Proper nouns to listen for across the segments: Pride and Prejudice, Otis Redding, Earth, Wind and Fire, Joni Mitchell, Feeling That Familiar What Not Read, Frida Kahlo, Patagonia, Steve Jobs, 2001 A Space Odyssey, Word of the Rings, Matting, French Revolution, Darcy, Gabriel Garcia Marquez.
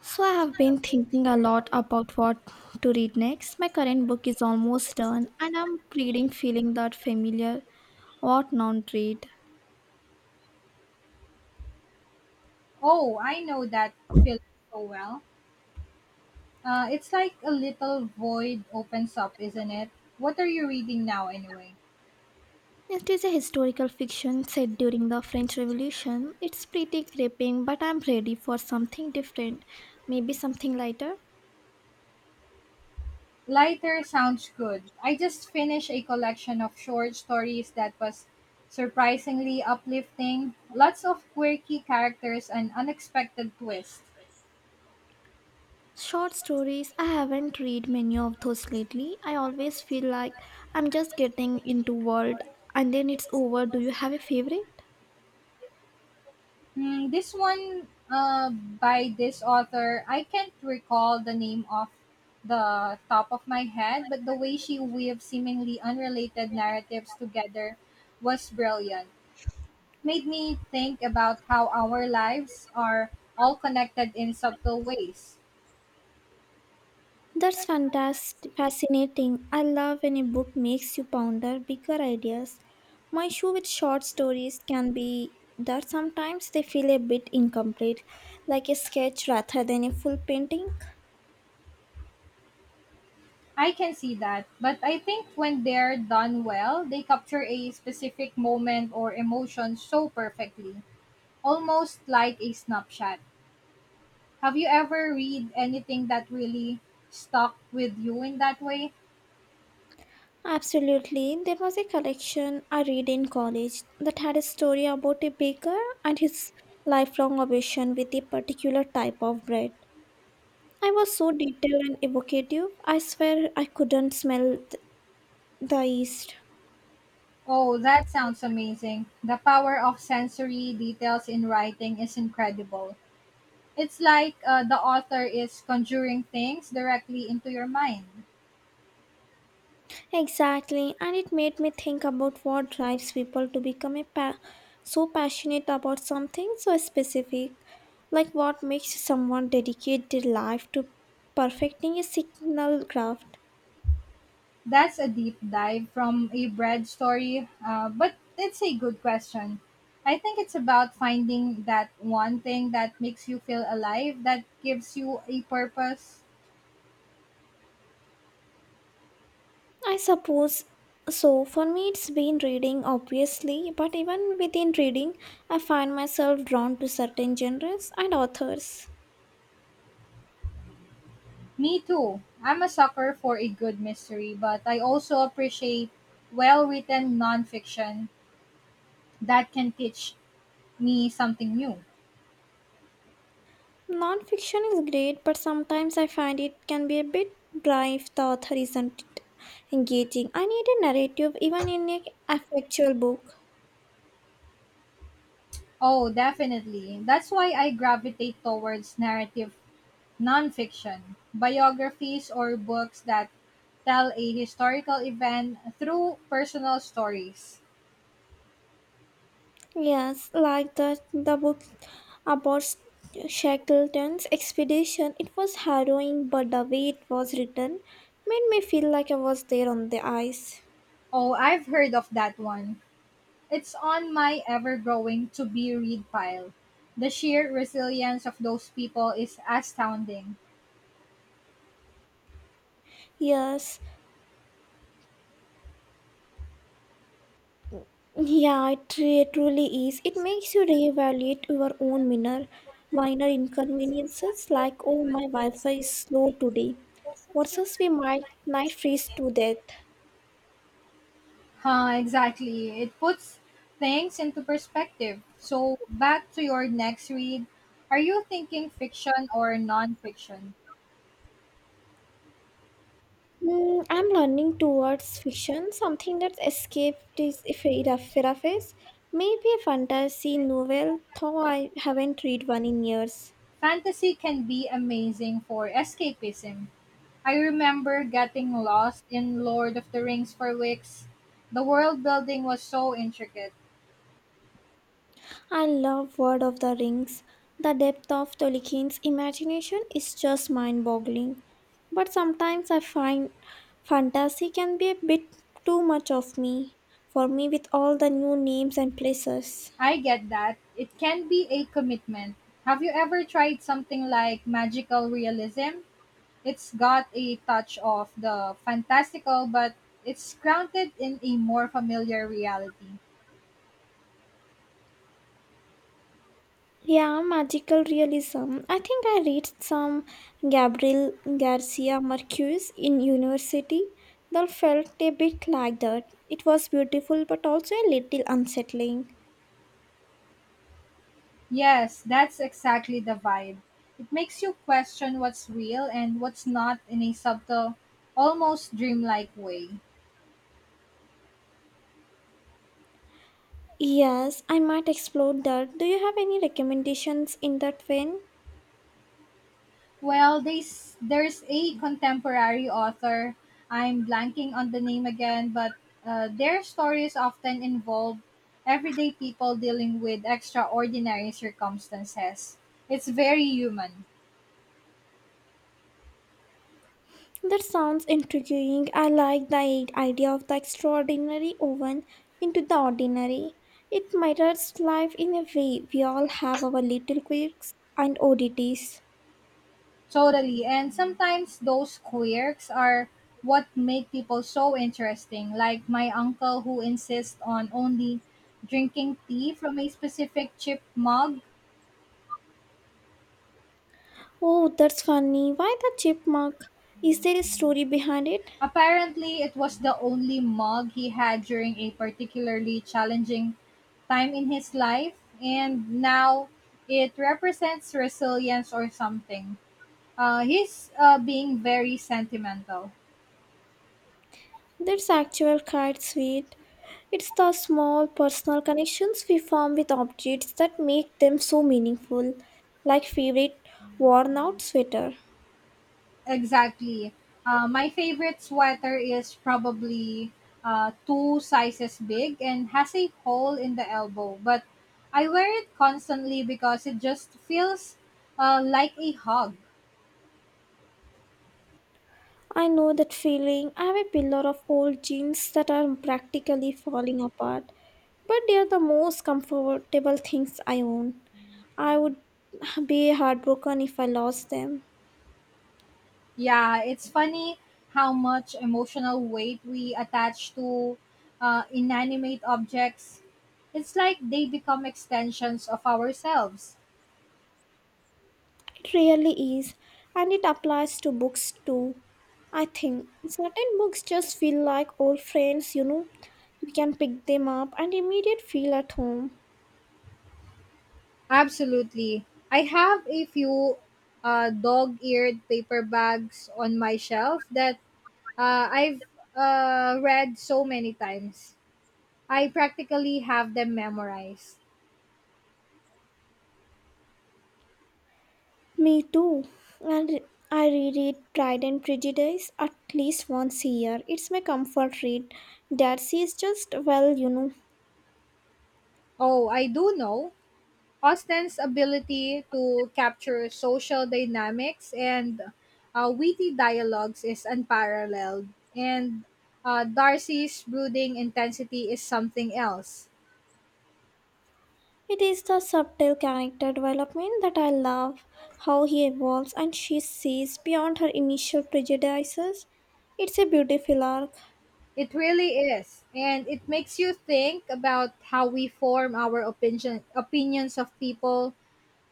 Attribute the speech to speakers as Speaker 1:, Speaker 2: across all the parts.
Speaker 1: So, I have been thinking a lot about what to read next. My current book is almost done, and I'm reading Feeling That Familiar What Not Read.
Speaker 2: Oh, I know that feeling so well. It's like a little void opens up, isn't it? What are you reading now, anyway?
Speaker 1: It is a historical fiction set during the French Revolution. It's pretty gripping, but I'm ready for something different, maybe something lighter.
Speaker 2: Lighter sounds good. I just finished a collection of short stories that was surprisingly uplifting. Lots of quirky characters and unexpected twists.
Speaker 1: Short stories, I haven't read many of those lately. I always feel like I'm just getting into world and then it's over. Do you have a favorite?
Speaker 2: Hmm, this one by this author, I can't recall the name off the top of my head, but the way she weaved seemingly unrelated narratives together was brilliant. Made me think about how our lives are all connected in subtle ways.
Speaker 1: That's fascinating. I love when a book makes you ponder bigger ideas. My issue with short stories can be that sometimes they feel a bit incomplete, like a sketch rather than a full painting.
Speaker 2: I can see that, but I think when they're done well, they capture a specific moment or emotion so perfectly, almost like a snapshot. Have you ever read anything that really stuck with you in that way?
Speaker 1: Absolutely, there was a collection I read in college that had a story about a baker and his lifelong obsession with a particular type of bread. I was so detailed and evocative, I swear I couldn't smell the yeast.
Speaker 2: Oh, that sounds amazing. The power of sensory details in writing is incredible. It's like the author is conjuring things directly into your mind.
Speaker 1: Exactly, and it made me think about what drives people to so passionate about something so specific, like what makes someone dedicate their life to perfecting a signal craft.
Speaker 2: That's a deep dive from a bread story, but it's a good question. I think it's about finding that one thing that makes you feel alive, that gives you a purpose.
Speaker 1: I suppose so. For me, it's been reading, obviously, but even within reading, I find myself drawn to certain genres and authors.
Speaker 2: Me too. I'm a sucker for a good mystery, but I also appreciate well written nonfiction that can teach me something new.
Speaker 1: Non-fiction is great, but sometimes I find it can be a bit dry if the author isn't engaging. I need a narrative even in a factual book.
Speaker 2: Oh, definitely. That's why I gravitate towards narrative nonfiction, biographies, or books that tell a historical event through personal stories.
Speaker 1: Yes, like the book about Shackleton's expedition. It was harrowing, but the way it was written made me feel like I was there on the ice.
Speaker 2: Oh, I've heard of that one. It's on my ever growing to be read pile. The sheer resilience of those people is astounding.
Speaker 1: Yes, Yeah, it truly is. It makes you reevaluate your own minor inconveniences like oh my Wi-Fi is slow today. Versus we might freeze to death.
Speaker 2: Huh, exactly. It puts things into perspective. So, back to your next read. Are you thinking fiction or non-fiction?
Speaker 1: Hmm, I'm learning towards fiction, something that escaped this face, maybe a fantasy novel, though I haven't read one in years.
Speaker 2: Fantasy can be amazing for escapism. I remember getting lost in Lord of the Rings for weeks. The world building was so intricate.
Speaker 1: I love Word of the Rings. The depth of Tolkien's imagination is just mind boggling. But sometimes I find fantasy can be a bit too much of me, for me, with all the new names and places.
Speaker 2: I get that. It can be a commitment. Have you ever tried something like magical realism? It's got a touch of the fantastical, but it's grounded in a more familiar reality.
Speaker 1: Yeah, magical realism. I think I read some Gabriel Garcia Marquez in university. That felt a bit like that. It was beautiful but also a little unsettling.
Speaker 2: Yes, that's exactly the vibe. It makes you question what's real and what's not in a subtle, almost dreamlike way.
Speaker 1: Yes, I might explore that. Do you have any recommendations in that vein?
Speaker 2: Well, there's a contemporary author, I'm blanking on the name again, but their stories often involve everyday people dealing with extraordinary circumstances. It's very human.
Speaker 1: That sounds intriguing. I like the idea of the extraordinary woven into the ordinary. It mirrors life in a way. We all have our little quirks and oddities.
Speaker 2: Totally. And sometimes those quirks are what make people so interesting. Like my uncle who insists on only drinking tea from a specific chip mug.
Speaker 1: Oh, that's funny. Why the chipmunk? Is there a story behind it?
Speaker 2: Apparently, it was the only mug he had during a particularly challenging time in his life. And now it represents resilience or something. He's being very sentimental.
Speaker 1: That's actual quite sweet. It's the small personal connections we form with objects that make them so meaningful, like favorite worn out sweater.
Speaker 2: Exactly. My favorite sweater is probably two sizes big and has a hole in the elbow, but I wear it constantly because it just feels like a hug.
Speaker 1: I know that feeling. I have a pillar of old jeans that are practically falling apart, but they are the most comfortable things I own. I would be heartbroken if I lost them.
Speaker 2: Yeah, it's funny how much emotional weight we attach to inanimate objects. It's like they become extensions of ourselves.
Speaker 1: It really is, and it applies to books too. I think certain books just feel like old friends, you know. You can pick them up and immediate feel at home.
Speaker 2: Absolutely. I have a few dog eared paper bags on my shelf that I've read so many times. I practically have them memorized.
Speaker 1: Me too. And I reread Pride and Prejudice at least once a year. It's my comfort read. Darcy is just well, you know.
Speaker 2: Oh, I do know Austen's ability to capture social dynamics and witty dialogues is unparalleled, and Darcy's brooding intensity is something else.
Speaker 1: It is the subtle character development that I love, how he evolves and she sees beyond her initial prejudices. It's a beautiful arc.
Speaker 2: It really is. And it makes you think about how we form our opinions of people.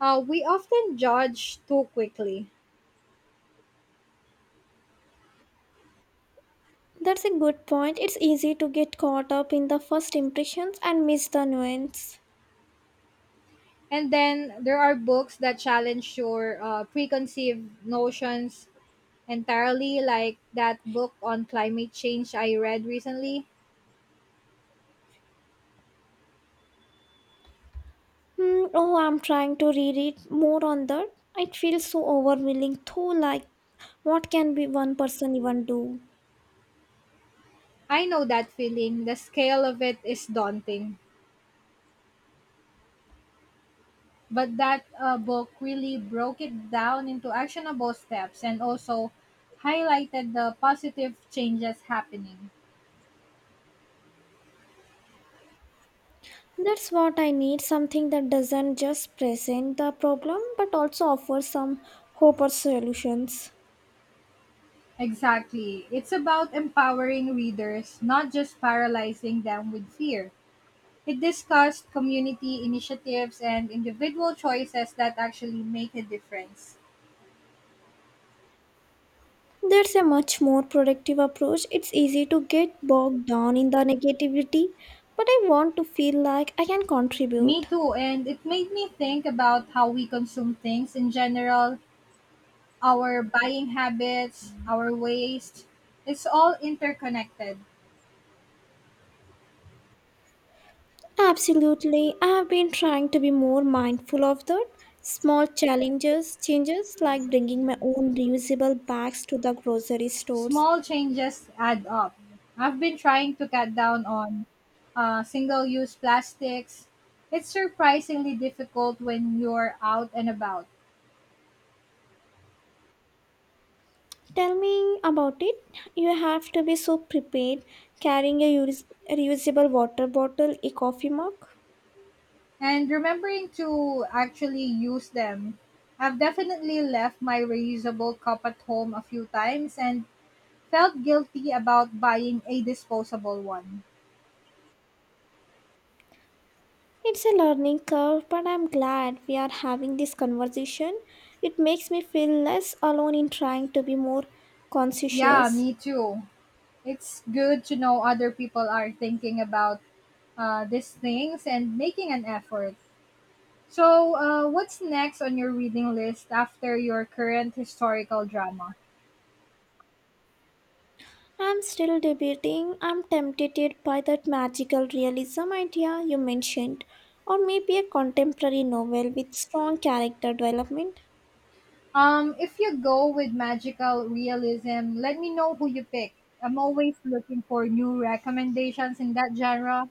Speaker 2: We often judge too quickly.
Speaker 1: That's a good point. It's easy to get caught up in the first impressions and miss the nuance.
Speaker 2: And then there are books that challenge your preconceived notions entirely, like that book on climate change I read recently.
Speaker 1: Oh, I'm trying to reread more on that. It feels so overwhelming, though, like, what can be one person even do?
Speaker 2: I know that feeling. The scale of it is daunting. But that book really broke it down into actionable steps and also highlighted the positive changes happening.
Speaker 1: That's what I need, something that doesn't just present the problem but also offers some hope or solutions.
Speaker 2: Exactly. It's about empowering readers, not just paralyzing them with fear. It discussed community initiatives and individual choices that actually make a difference.
Speaker 1: That's a much more productive approach. It's easy to get bogged down in the negativity, but I want to feel like I can contribute.
Speaker 2: Me too, and it made me think about how we consume things in general, our buying habits, our waste. It's all interconnected.
Speaker 1: Absolutely. I have been trying to be more mindful of that. Small changes like bringing my own reusable bags to the grocery stores.
Speaker 2: Small changes add up. I've been trying to cut down on single use plastics. It's surprisingly difficult when you're out and about.
Speaker 1: Tell me about it. You have to be so prepared, carrying a reusable water bottle, a coffee mug.
Speaker 2: And remembering to actually use them. I've definitely left my reusable cup at home a few times and felt guilty about buying a disposable one.
Speaker 1: It's a learning curve, but I'm glad we are having this conversation. It makes me feel less alone in trying to be more
Speaker 2: Yeah,
Speaker 1: conscientious.
Speaker 2: me too. It's good to know other people are thinking about these things and making an effort. So, what's next on your reading list after your current historical drama?
Speaker 1: I'm still debating. I'm tempted by that magical realism idea you mentioned, or maybe a contemporary novel with strong character development.
Speaker 2: If you go with magical realism, let me know who you pick. I'm always looking for new recommendations in that genre.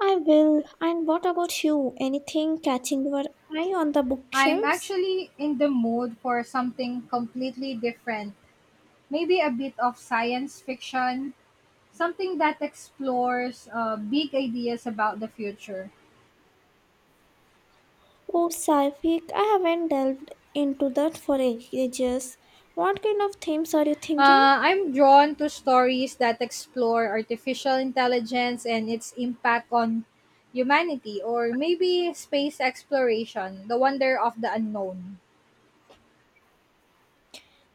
Speaker 1: I will. And what about you? Anything catching your eye on the
Speaker 2: I'm
Speaker 1: bookshelves?
Speaker 2: actually in the mood for something completely different. Maybe a bit of science fiction, something that explores big ideas about the future.
Speaker 1: Oh, Saifik, I haven't delved into that for ages. What kind of themes are you thinking?
Speaker 2: I'm drawn to stories that explore artificial intelligence and its impact on humanity, or maybe space exploration, the wonder of the unknown.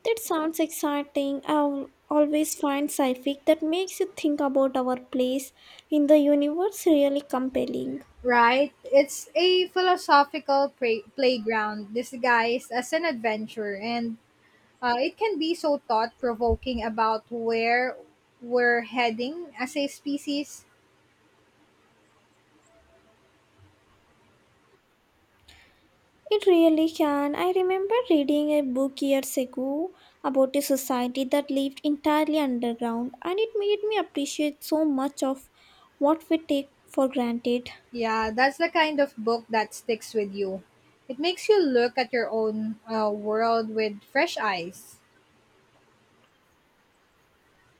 Speaker 1: That sounds exciting. I always find sci-fi that makes you think about our place in the universe really compelling.
Speaker 2: Right? It's a philosophical playground disguised as an adventure, and it can be so thought provoking about where we're heading as a species.
Speaker 1: It really can. I remember reading a book years ago about a society that lived entirely underground, and it made me appreciate so much of what we take for granted.
Speaker 2: Yeah, that's the kind of book that sticks with you. It makes you look at your own world with fresh eyes.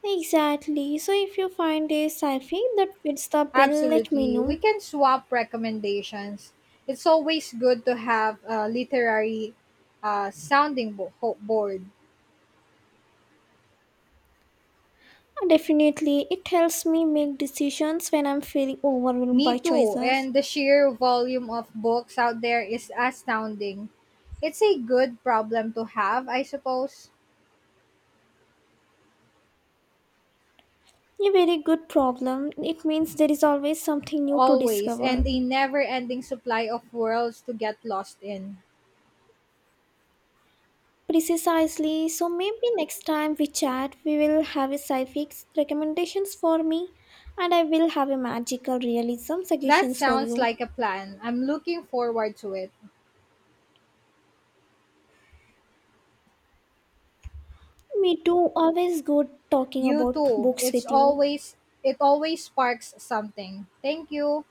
Speaker 1: Exactly. So, if you find a sci-fi that fits the bill, let me
Speaker 2: Absolutely. We
Speaker 1: know.
Speaker 2: can swap recommendations. It's always good to have a literary sounding board.
Speaker 1: Definitely, it helps me make decisions when I'm feeling overwhelmed
Speaker 2: Me
Speaker 1: by
Speaker 2: too.
Speaker 1: choices.
Speaker 2: And the sheer volume of books out there is astounding. It's a good problem to have, I suppose,
Speaker 1: A very good problem. It means there is always something new to
Speaker 2: always,
Speaker 1: discover.
Speaker 2: and a never ending supply of worlds to get lost in.
Speaker 1: Precisely. So maybe next time we chat, we will have a sci-fix recommendations for me, and I will have a magical realism
Speaker 2: That
Speaker 1: suggestions for
Speaker 2: sounds
Speaker 1: you.
Speaker 2: like a plan. I'm looking forward to it.
Speaker 1: Me too. Always good talking
Speaker 2: You
Speaker 1: about
Speaker 2: too.
Speaker 1: books
Speaker 2: It's
Speaker 1: with you.
Speaker 2: always it always sparks something. Thank you.